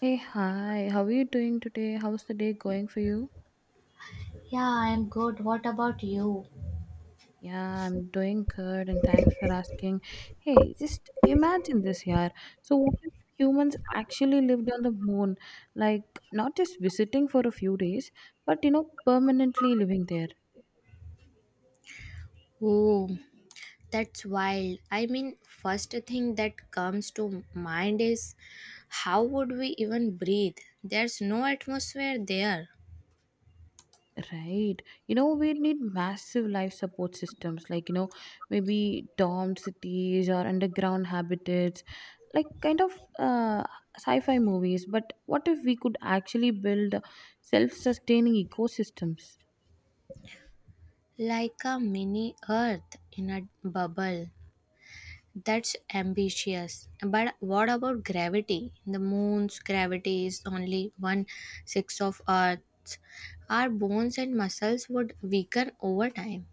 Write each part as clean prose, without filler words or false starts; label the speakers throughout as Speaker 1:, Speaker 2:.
Speaker 1: Hey, hi, how are you doing today? How's the day going for you?
Speaker 2: Yeah, I'm good. What about you?
Speaker 1: Yeah, I'm doing good and thanks for asking. Hey, just imagine this, yeah. So, what if humans actually lived on the moon? Like, not just visiting for a few days, but permanently living there.
Speaker 2: Oh, that I mean, first thing that comes to mind is how would we even breathe? There's no atmosphere there,
Speaker 1: Right. We need massive life support systems like, maybe domed cities or underground habitats, like kind of uh, sci fi movies. But what if we could actually build self sustaining ecosystems?
Speaker 2: like a mini earth in a bubble. That's ambitious. But what about gravity? The moon's gravity is only one sixth of Earth. Our bones and muscles would weaken over time.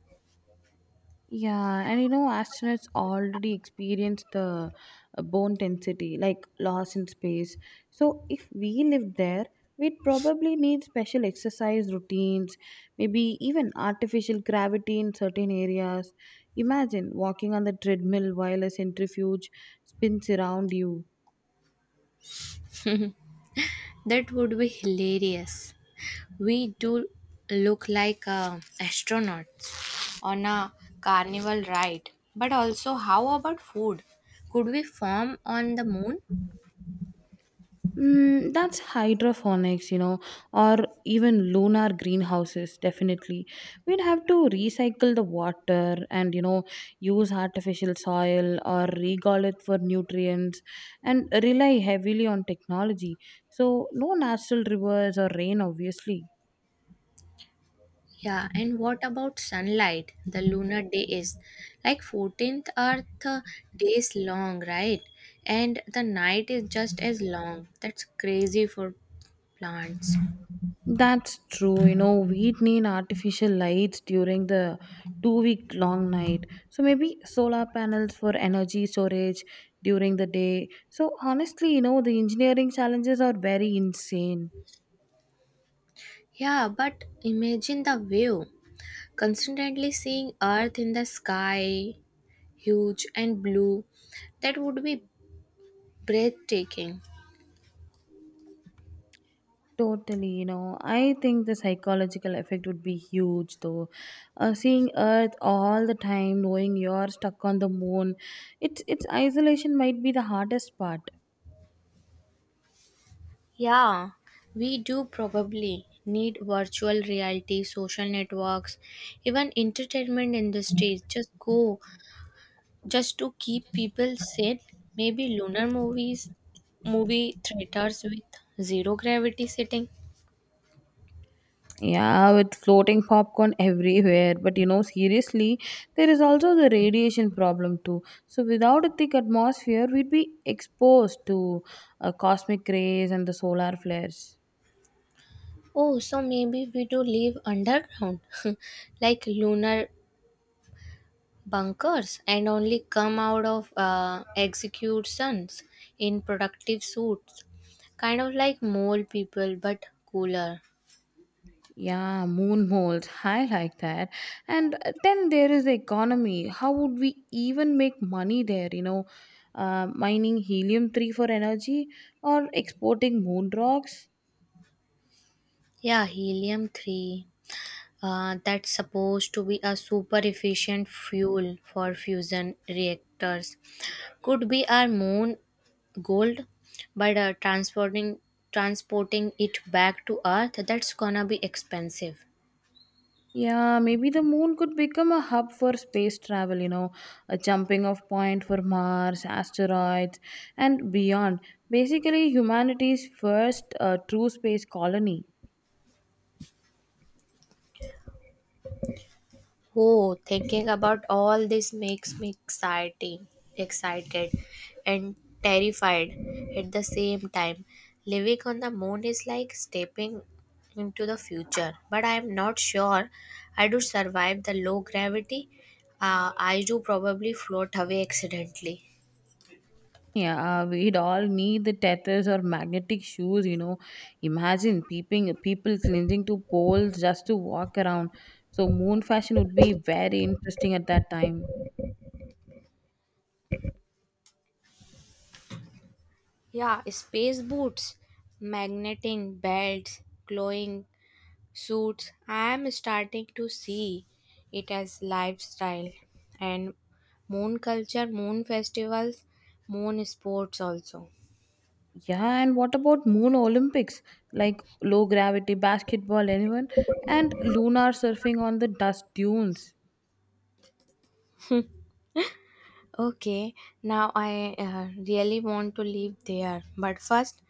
Speaker 1: Yeah, and astronauts already experience the bone density, like loss in space. So, if we lived there, we'd probably need special exercise routines, maybe even artificial gravity in certain areas. Imagine walking on the treadmill while a centrifuge spins around you.
Speaker 2: That would be hilarious. We do look like astronauts on a carnival ride. But also, how about food? Could we farm on the moon?
Speaker 1: That's hydroponics, or even lunar greenhouses, definitely. We'd have to recycle the water and, use artificial soil or regal it for nutrients and rely heavily on technology. So, no natural rivers or rain, obviously.
Speaker 2: Yeah, and what about sunlight? The lunar day is like 14th Earth days long, right? And the night is just as long. That's crazy for plants.
Speaker 1: That's true. We'd need artificial lights during the 2 week long night. So maybe solar panels for energy storage during the day. So honestly, the engineering challenges are very insane.
Speaker 2: Yeah, but imagine the view. Constantly seeing Earth in the sky, huge and blue. That would be breathtaking.
Speaker 1: Totally, I think the psychological effect would be huge though. Seeing Earth all the time, knowing you're stuck on the moon, it's isolation might be the hardest part.
Speaker 2: Yeah, we do probably need virtual reality, social networks, even entertainment industries. Just to keep people sane. Maybe lunar movies, movie theaters with zero gravity setting.
Speaker 1: Yeah, with floating popcorn everywhere. But seriously, there is also the radiation problem too. So, without a thick atmosphere, we'd be exposed to cosmic rays and the solar flares.
Speaker 2: Oh, so maybe we do live underground, like lunar bunkers, and only come out of executions in productive suits, kind of like mole people but cooler.
Speaker 1: Yeah, moon holes. I like that. And then there is the economy. How would we even make money there? Mining helium 3 for energy or exporting moon rocks?
Speaker 2: Yeah, helium 3, that's supposed to be a super efficient fuel for fusion reactors. Could be our moon gold. But transporting it back to earth, that's gonna be expensive.
Speaker 1: Yeah, maybe the moon could become a hub for space travel, a jumping off point for Mars, asteroids, and beyond. Basically, humanity's first true space colony.
Speaker 2: Oh, thinking about all this makes me excited, and terrified at the same time. Living on the moon is like stepping into the future, but I am not sure I do survive the low gravity. I do probably float away accidentally.
Speaker 1: Yeah, we'd all need the tethers or magnetic shoes. Imagine peeping, people clinging to poles just to walk around. So, moon fashion would be very interesting at that time.
Speaker 2: Yeah, space boots, magneting belts, glowing suits, I am starting to see it as lifestyle and moon culture, moon festivals, moon sports also.
Speaker 1: Yeah, and what about moon Olympics? Like low gravity basketball, anyone? And lunar surfing on the dust dunes.
Speaker 2: Okay, now I really want to live there. But first,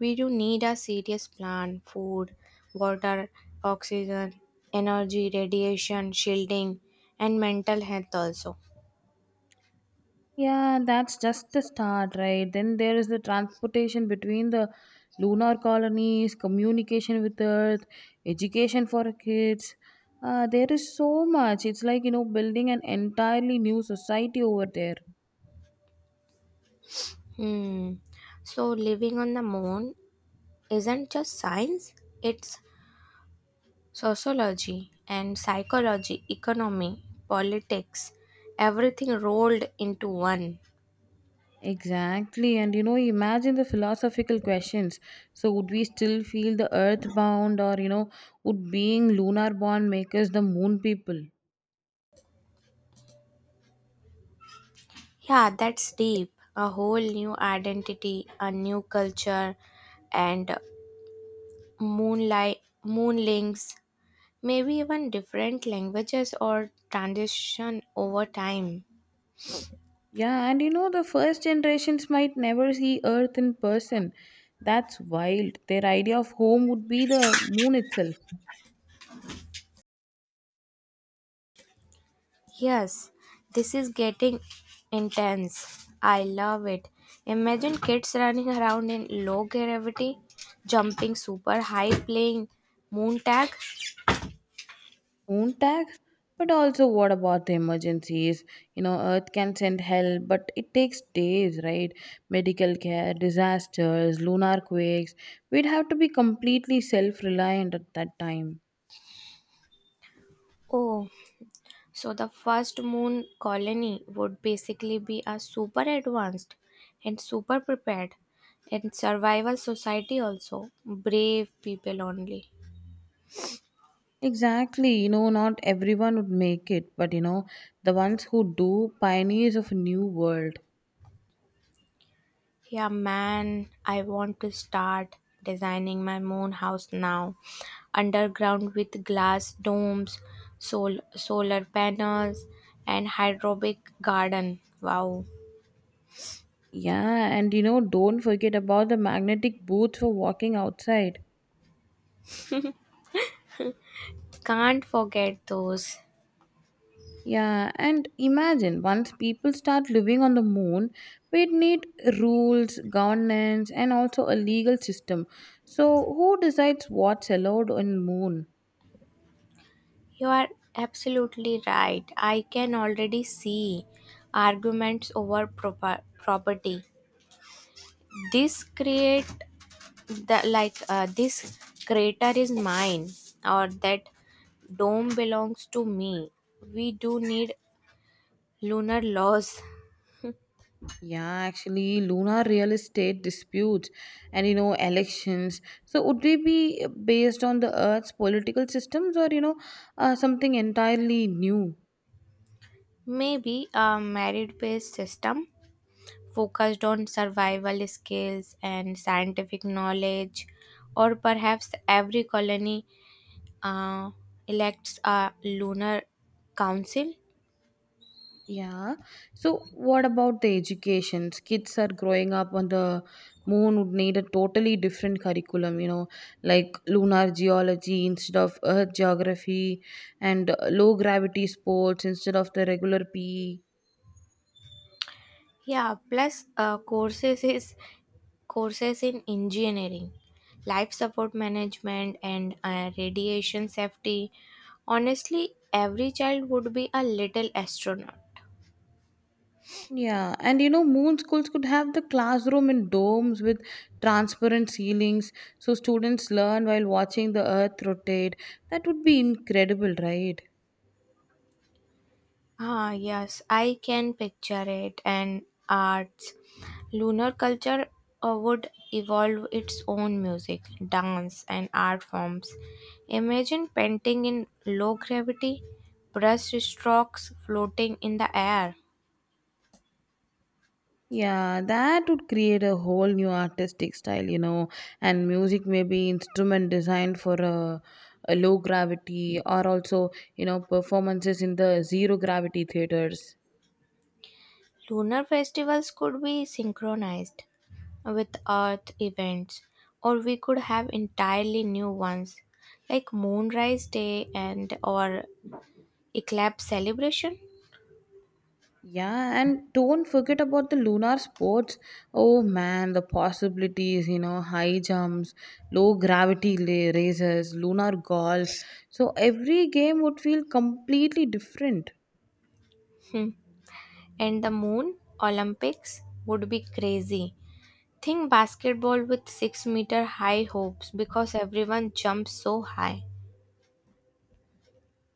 Speaker 2: we do need a serious plan: food, water, oxygen, energy, radiation, shielding, and mental health also.
Speaker 1: Yeah, that's just the start, right? Then there is the transportation between the lunar colonies, communication with Earth, education for kids. There is so much. It's like, building an entirely new society over there.
Speaker 2: Hmm. So, living on the moon isn't just science, it's sociology and psychology, economy, politics, everything rolled into one.
Speaker 1: Exactly. And imagine the philosophical questions. So, would we still feel the earth bound, or would being lunar born make us the moon people?
Speaker 2: Yeah, that's deep. A whole new identity, a new culture, and moonlight, moonlings, maybe even different languages or transition over time.
Speaker 1: Yeah, and the first generations might never see earth in person. That's wild. Their idea of home would be the moon itself.
Speaker 2: Yes, this is getting intense. I love it. Imagine kids running around in low gravity, jumping super high, playing moon tag.
Speaker 1: Own tag? But also, what about the emergencies? Earth can send help, but it takes days, right? Medical care, disasters, lunar quakes. We'd have to be completely self reliant at that time.
Speaker 2: Oh, so the first moon colony would basically be a super advanced and super prepared and survival society also. Brave people only.
Speaker 1: Exactly, not everyone would make it, but the ones who do, pioneers of a new world.
Speaker 2: Yeah, man, I want to start designing my moon house now. Underground with glass domes, solar panels, and hydroponic garden. Wow.
Speaker 1: Yeah, and don't forget about the magnetic boots for walking outside.
Speaker 2: Can't forget those.
Speaker 1: Yeah, and imagine once people start living on the moon, we'd need rules, governance, and also a legal system. So, who decides what's allowed on moon?
Speaker 2: You are absolutely right. I can already see arguments over proper property. This create that like this crater is mine or that dome belongs to me. We do need lunar laws.
Speaker 1: Yeah, actually, lunar real estate disputes and elections. So, would they be based on the Earth's political systems or something entirely new?
Speaker 2: Maybe a merit based system focused on survival skills and scientific knowledge, or perhaps every colony uh, elects a lunar council.
Speaker 1: Yeah. So, what about the education? Kids are growing up on the moon would need a totally different curriculum, like lunar geology instead of earth geography and low gravity sports instead of the regular PE.
Speaker 2: Yeah, plus courses in engineering, life support management, and radiation safety. Honestly, every child would be a little astronaut.
Speaker 1: Yeah, and moon schools could have the classroom in domes with transparent ceilings so students learn while watching the earth rotate. That would be incredible, right?
Speaker 2: Ah, yes, I can picture it. And arts. Lunar culture would evolve its own music, dance, and art forms. Imagine painting in low gravity, brush strokes floating in the air.
Speaker 1: Yeah, that would create a whole new artistic style, and music may be instrument designed for a low gravity or also, performances in the zero gravity theaters.
Speaker 2: Lunar festivals could be synchronized with Earth events, or we could have entirely new ones, like Moonrise Day and or Eclipse celebration.
Speaker 1: Yeah, and don't forget about the lunar sports. Oh man, the possibilities, high jumps, low gravity races, lunar golf. So every game would feel completely different.
Speaker 2: Hmm. And the Moon Olympics would be crazy. Think basketball with 6-meter high hopes because everyone jumps so high.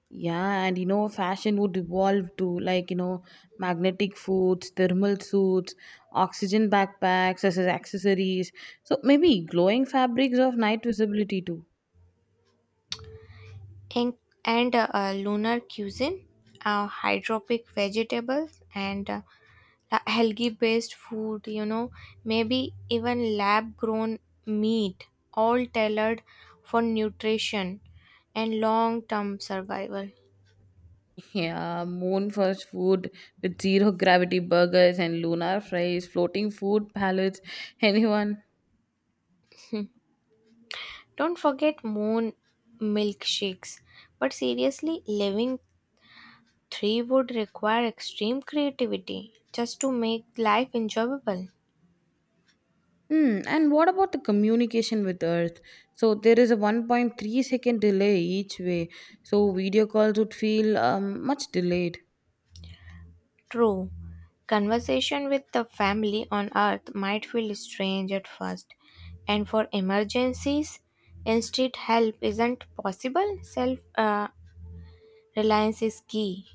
Speaker 1: Yeah, and fashion would evolve to like, magnetic foods, thermal suits, oxygen backpacks as accessories. So maybe glowing fabrics of night visibility too.
Speaker 2: And, and lunar cuisine, hydropic vegetables, and healthy based food, maybe even lab grown meat, all tailored for nutrition and long term survival.
Speaker 1: Yeah, moon first food with zero gravity burgers and lunar fries, floating food palettes, anyone.
Speaker 2: Don't forget moon milkshakes. But seriously, living three would require extreme creativity just to make life enjoyable.
Speaker 1: And what about the communication with Earth? So there is a 1.3-second delay each way. So video calls would feel much delayed.
Speaker 2: True. Conversation with the family on earth might feel strange at first, and for emergencies, instant help isn't possible. Self reliance is key.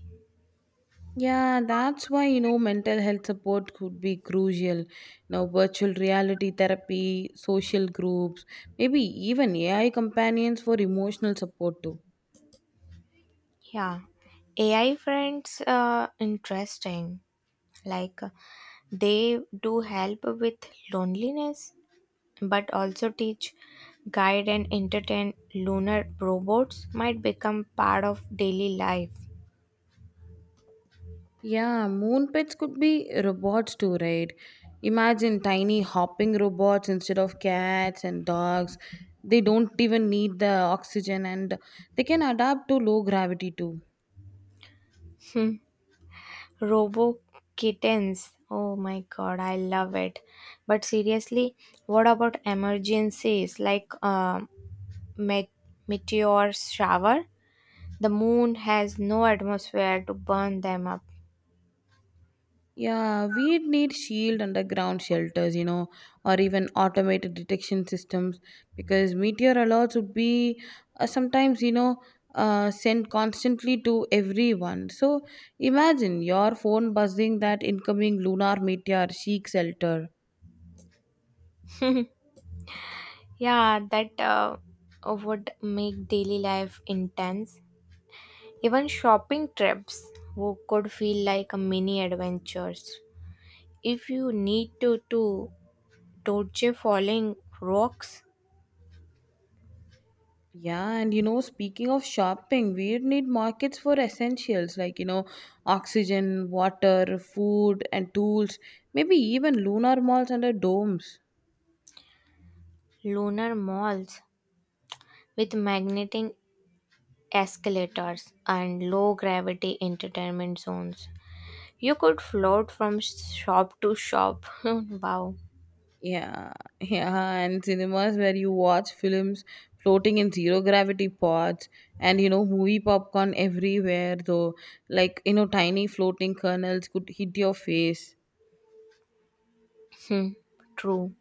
Speaker 1: Yeah, that's why mental health support could be crucial. Now, virtual reality therapy, social groups, maybe even AI companions for emotional support too.
Speaker 2: Yeah. AI friends, interesting. Like they do help with loneliness, but also teach, guide, and entertain. Lunar robots might become part of daily life.
Speaker 1: Yeah, moon pets could be robots too, right? Imagine tiny hopping robots instead of cats and dogs. They don't even need the oxygen and they can adapt to low gravity too.
Speaker 2: Robo kittens. Oh my god, I love it. But seriously, what about emergencies like met- meteor shower? The moon has no atmosphere to burn them up.
Speaker 1: Yeah, we'd need shield underground shelters, or even automated detection systems because meteor alerts would be sometimes, sent constantly to everyone. So imagine your phone buzzing that incoming lunar meteor, seek shelter.
Speaker 2: Yeah, that would make daily life intense. Even shopping trips could feel like a mini adventures. If you need to dodge falling rocks.
Speaker 1: Yeah, and speaking of shopping, we need markets for essentials like, oxygen, water, food, and tools, maybe even lunar malls under domes.
Speaker 2: Lunar malls with magnetic escalators and low gravity entertainment zones. You could float from shop to shop. Wow.
Speaker 1: Yeah, yeah, and cinemas where you watch films floating in zero gravity pods and movie popcorn everywhere though like tiny floating kernels could hit your face.
Speaker 2: Hmm. True.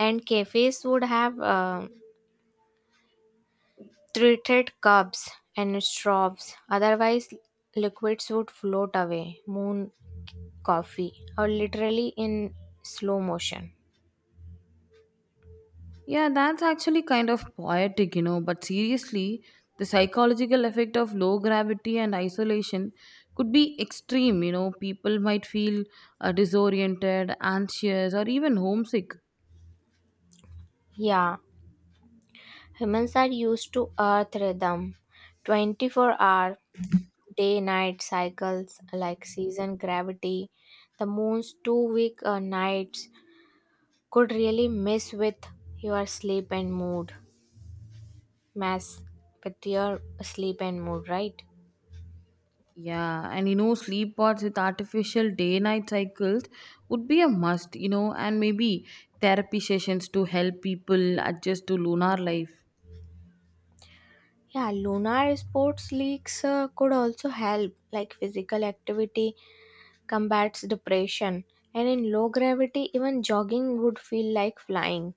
Speaker 2: And cafes would have treated cups and straws. Otherwise, liquids would float away. Moon coffee, or literally in slow motion.
Speaker 1: Yeah, that's actually kind of poetic, but seriously, the psychological effect of low gravity and isolation could be extreme, people might feel disoriented, anxious or even homesick.
Speaker 2: Yeah, humans are used to earth rhythm, 24-hour day night cycles, like season gravity. The moon's 2-week nights could really your sleep and mood mess with your sleep and mood, right?
Speaker 1: Yeah, and sleep pods with artificial day night cycles would be a must, and maybe therapy sessions to help people adjust to lunar life.
Speaker 2: Yeah, lunar sports leagues could also help. Like physical activity combats depression, and in low gravity even jogging would feel like flying.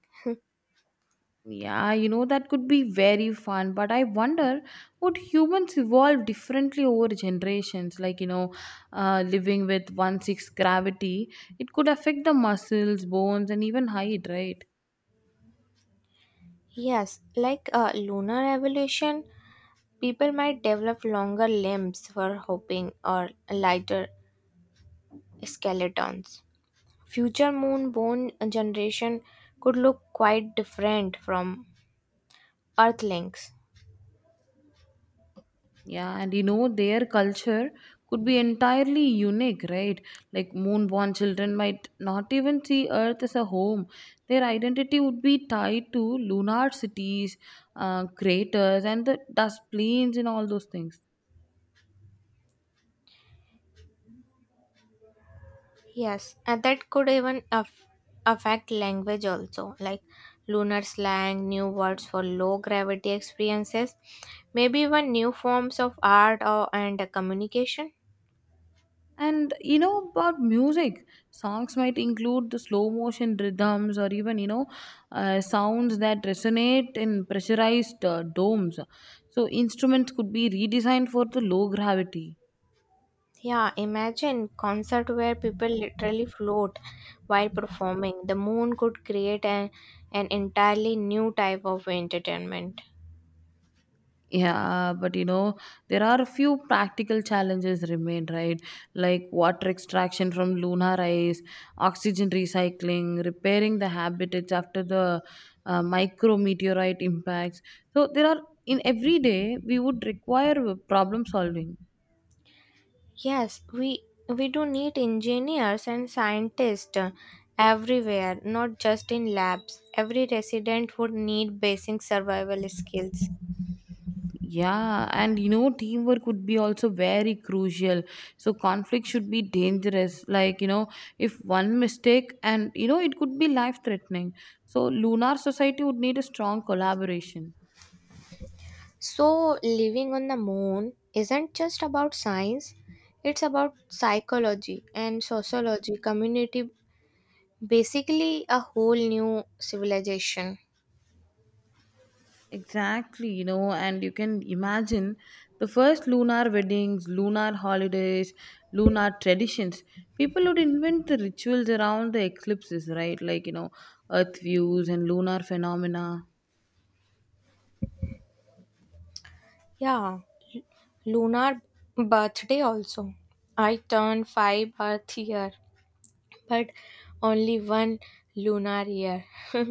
Speaker 1: Yeah, that could be very fun, but I wonder would humans evolve differently over generations? Like, living with 1/6 gravity, it could affect the muscles, bones, and even height, right?
Speaker 2: Yes, like, lunar evolution. People might develop longer limbs for hopping, or lighter skeletons. Future moonborn generation could look quite different from Earthlings.
Speaker 1: Yeah, and their culture could be entirely unique, right? Like moonborn children might not even see Earth as a home. Their identity would be tied to lunar cities, craters, and the dust plains and all those things.
Speaker 2: Yes, and that could even affect language also, like lunar slang, new words for low gravity experiences, maybe even new forms of art or, and communication.
Speaker 1: And about music, songs might include the slow motion rhythms or even sounds that resonate in pressurized domes. So instruments could be redesigned for the low gravity.
Speaker 2: Yeah, imagine concert where people literally float while performing. The moon could create an entirely new type of entertainment.
Speaker 1: Yeah, but there are a few practical challenges remain, right? Like water extraction from lunar ice, oxygen recycling, repairing the habitats after the micrometeorite impacts. So, there are in every day we would require problem solving.
Speaker 2: Yes, we do need engineers and scientists, everywhere, not just in labs. Every resident would need basic survival skills.
Speaker 1: Yeah, and teamwork would be also very crucial. So, conflict should be dangerous. Like, if one mistake and, it could be life threatening. So, lunar society would need a strong collaboration.
Speaker 2: So, living on the moon isn't just about science, it's about psychology and sociology, community. Basically, a whole new civilization.
Speaker 1: Exactly, and you can imagine the first lunar weddings, lunar holidays, lunar traditions. People would invent the rituals around the eclipses, right? Like, earth views and lunar phenomena.
Speaker 2: Yeah, lunar birthday also. I turned 5 Earth year, but only one lunar year.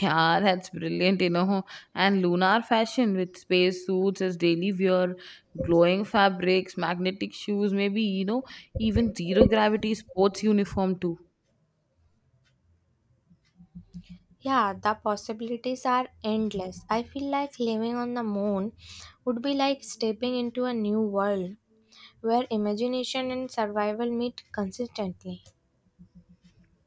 Speaker 1: Yeah, that's brilliant. And lunar fashion with space suits as daily wear, glowing fabrics, magnetic shoes, maybe, even zero gravity sports uniform too.
Speaker 2: Yeah, the possibilities are endless. I feel like living on the moon would be like stepping into a new world where imagination and survival meet consistently.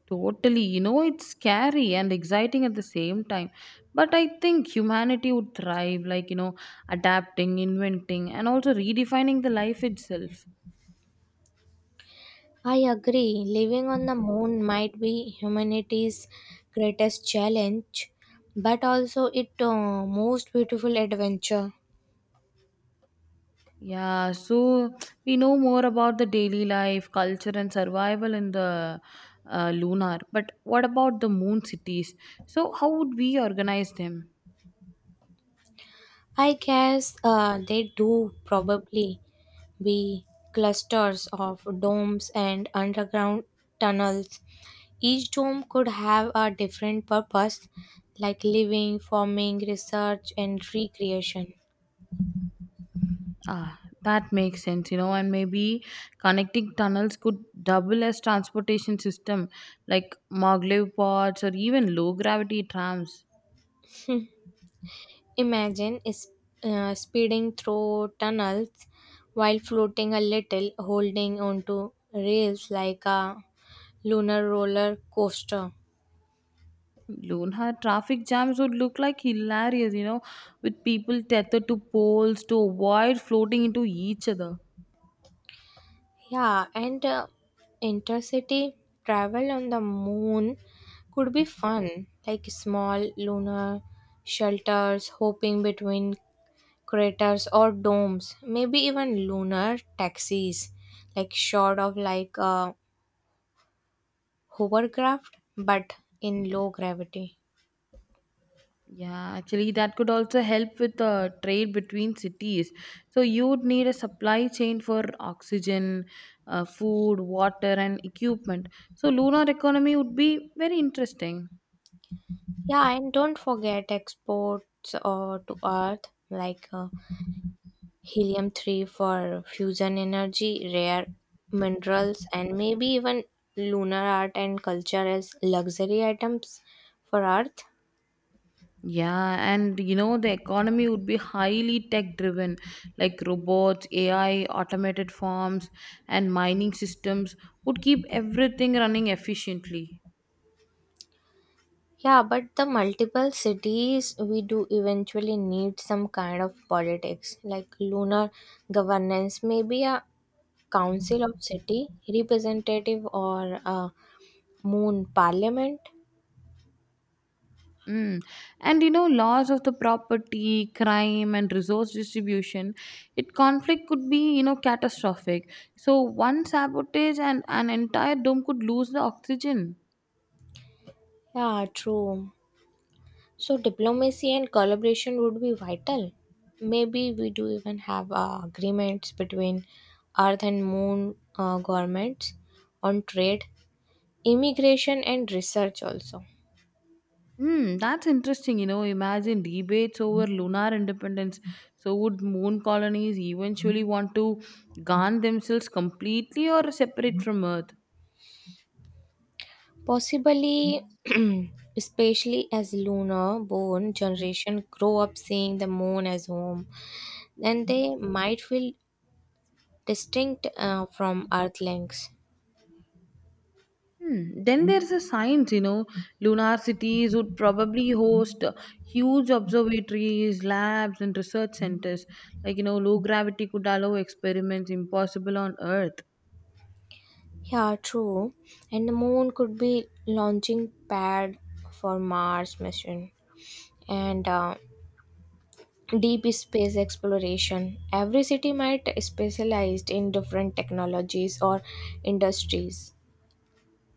Speaker 1: Totally, it's scary and exciting at the same time. But I think humanity would thrive, like, adapting, inventing, and also redefining the life itself.
Speaker 2: I agree. Living on the moon might be humanity's greatest challenge, but also its most beautiful adventure.
Speaker 1: Yeah, so we know more about the daily life, culture, and survival in the lunar. But what about the moon cities? So, how would we organize them?
Speaker 2: I guess they do probably be clusters of domes and underground tunnels. Each dome could have a different purpose, like living, farming, research, and recreation.
Speaker 1: Ah, that makes sense, and maybe connecting tunnels could double as transportation system like maglev pods or even low gravity trams.
Speaker 2: Imagine is, speeding through tunnels while floating a little, holding onto rails like a lunar roller coaster.
Speaker 1: Lunar traffic jams would look like hilarious, with people tethered to poles to avoid floating into each other.
Speaker 2: Yeah, and intercity travel on the moon could be fun, like small lunar shelters hopping between craters or domes, maybe even lunar taxis, like short of like a hovercraft but in low gravity.
Speaker 1: Yeah, actually, that could also help with the trade between cities. So, you'd need a supply chain for oxygen, food, water, and equipment. So, lunar economy would be very interesting.
Speaker 2: Yeah, and don't forget exports to Earth, like helium 3 for fusion energy, rare minerals, and maybe even lunar art and culture as luxury items for Earth.
Speaker 1: Yeah, and the economy would be highly tech driven, like robots, AI, automated farms, and mining systems would keep everything running efficiently.
Speaker 2: Yeah, but the multiple cities, we do eventually need some kind of politics, like lunar governance, maybe a council of city representative or a moon parliament.
Speaker 1: Mm. And laws of the property, crime, and resource distribution, it conflict could be catastrophic. So one sabotage and an entire dome could lose the oxygen.
Speaker 2: Yeah, true. So diplomacy and collaboration would be vital. Maybe we do even have agreements between Earth and Moon governments on trade, immigration, and research also.
Speaker 1: That's interesting. Imagine debates over lunar independence. So would moon colonies eventually want to garn themselves completely or separate from Earth?
Speaker 2: Possibly, especially as lunar born generation grow up seeing the moon as home, then they might feel distinct, from Earthlings.
Speaker 1: Hmm. Then there's a science, lunar cities would probably host huge observatories, labs, and research centers. Like, low gravity could allow experiments impossible on Earth.
Speaker 2: Yeah, true. And the moon could be launching pad for Mars mission and deep space exploration. Every city might specialized in different technologies or industries.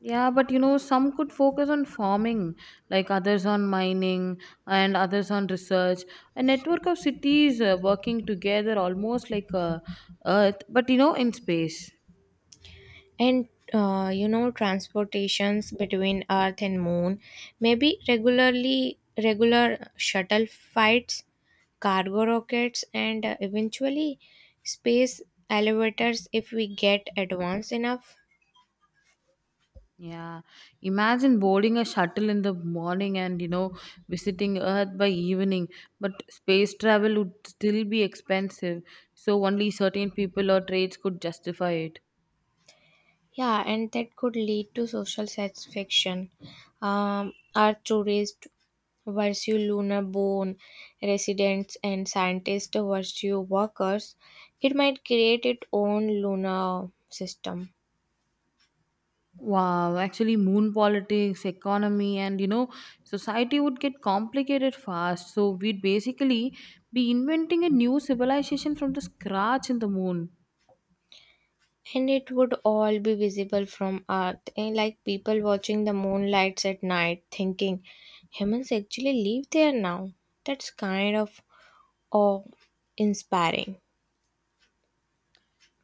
Speaker 1: Yeah, but some could focus on farming, like others on mining, and others on research. A network of cities working together almost like Earth, but in space.
Speaker 2: And you know transportations between Earth and Moon, maybe regular shuttle flights, cargo rockets, and eventually space elevators if we get advanced enough.
Speaker 1: Yeah, imagine boarding a shuttle in the morning and visiting Earth by evening, but space travel would still be expensive, so only certain people or trades could justify it.
Speaker 2: Yeah, and that could lead to social satisfaction. Earth tourists versus lunar born residents, and scientists versus workers. It might create its own lunar system.
Speaker 1: Wow, actually, moon politics, economy, and society would get complicated fast, so we'd basically be inventing a new civilization from the scratch in the moon.
Speaker 2: And it would all be visible from Earth, and like people watching the moonlights at night, thinking humans actually live there now. That's kind of awe inspiring.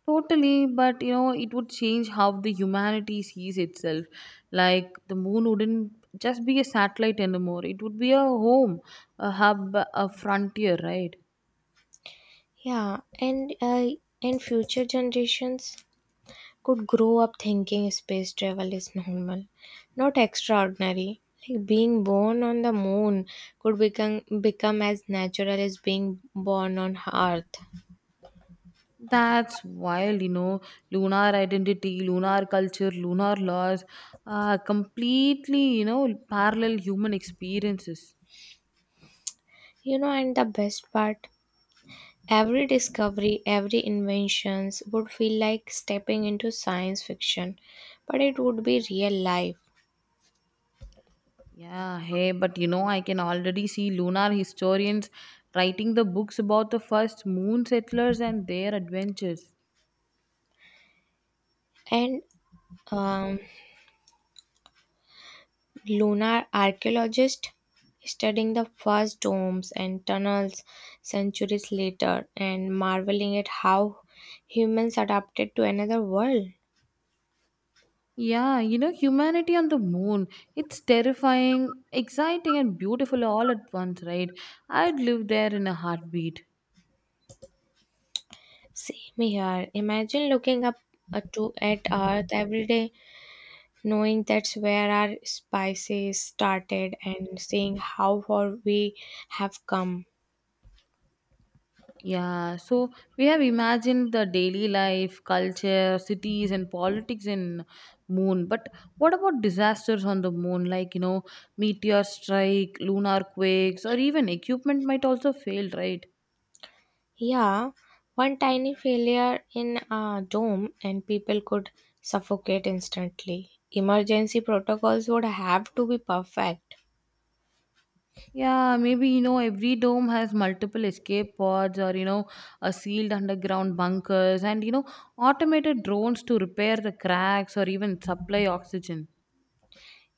Speaker 1: Totally, but it would change how the humanity sees itself. Like the moon wouldn't just be a satellite anymore, it would be a home, a hub, a frontier, right?
Speaker 2: Yeah, and future generations could grow up thinking space travel is normal, not extraordinary. Like being born on the moon could become as natural as being born on Earth.
Speaker 1: That's wild. Lunar identity, lunar culture, lunar laws, completely, parallel human experiences.
Speaker 2: You know, and the best part, every discovery, every inventions would feel like stepping into science fiction, but it would be real life.
Speaker 1: Yeah, hey, but I can already see lunar historians writing the books about the first moon settlers and their adventures.
Speaker 2: And um, Lunar archaeologists studying the first domes and tunnels centuries later and marveling at how humans adapted to another world.
Speaker 1: Yeah, humanity on the moon. It's terrifying, exciting, and beautiful all at once, right? I'd live there in a heartbeat.
Speaker 2: Same here. Imagine looking up to at Earth every day, knowing that's where our spices started and seeing how far we have come.
Speaker 1: Yeah, so we have imagined the daily life, culture, cities, and politics in moon. But what about disasters on the moon, like, meteor strike, lunar quakes, or even equipment might also fail, right?
Speaker 2: Yeah, one tiny failure in a dome and people could suffocate instantly. Emergency protocols would have to be perfect.
Speaker 1: Yeah, maybe every dome has multiple escape pods or a sealed underground bunkers and automated drones to repair the cracks or even supply oxygen.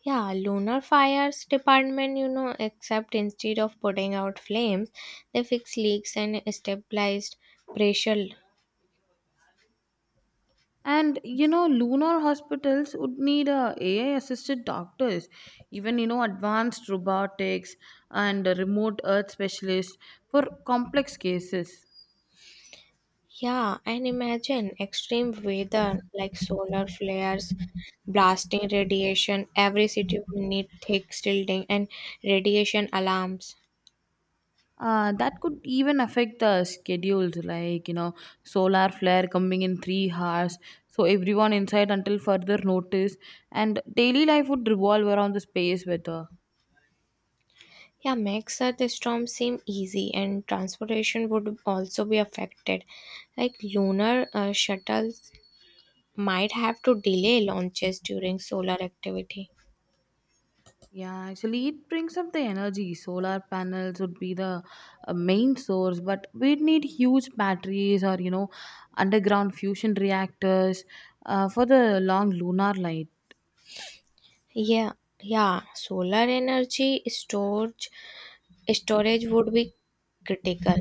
Speaker 2: Yeah, lunar fires department, you know, except instead of putting out flames, they fix leaks and stabilized pressure.
Speaker 1: And lunar hospitals would need a AI assisted doctors, even advanced robotics and remote earth specialists for complex cases.
Speaker 2: Yeah, and imagine extreme weather like solar flares, blasting radiation. Every city would need thick shielding and radiation alarms.
Speaker 1: That could even affect the schedules, like solar flare coming in 3 hours, so everyone inside until further notice, and daily life would revolve around the space weather.
Speaker 2: Yeah, makes the storm seem easy, and transportation would also be affected. Like lunar shuttles might have to delay launches during solar activity.
Speaker 1: Yeah, actually, it brings up the energy. Solar panels would be the main source, but we'd need huge batteries or underground fusion reactors for the long lunar light.
Speaker 2: Yeah, yeah, solar energy storage would be critical,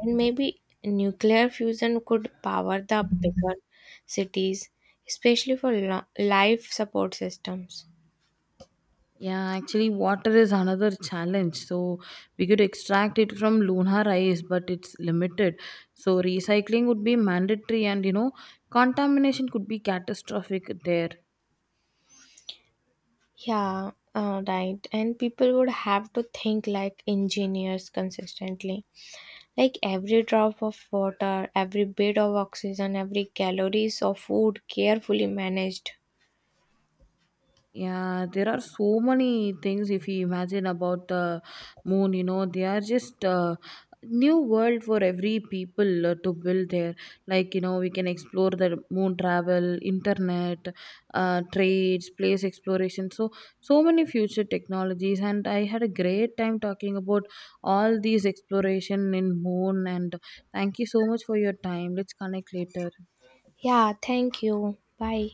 Speaker 2: and maybe nuclear fusion could power the bigger cities, especially for life support systems.
Speaker 1: Yeah, actually, water is another challenge. So, we could extract it from Luna rice, but it's limited. So, recycling would be mandatory, and contamination could be catastrophic there.
Speaker 2: Yeah, right. And people would have to think like engineers consistently. Like every drop of water, every bit of oxygen, every calories of food carefully managed.
Speaker 1: Yeah, there are so many things if you imagine about the moon, they are just new world for every people to build there. Like, we can explore the moon travel, internet, trades, place exploration. So, so many future technologies. And I had a great time talking about all these exploration in moon. And thank you so much for your time. Let's connect later.
Speaker 2: Yeah, thank you. Bye.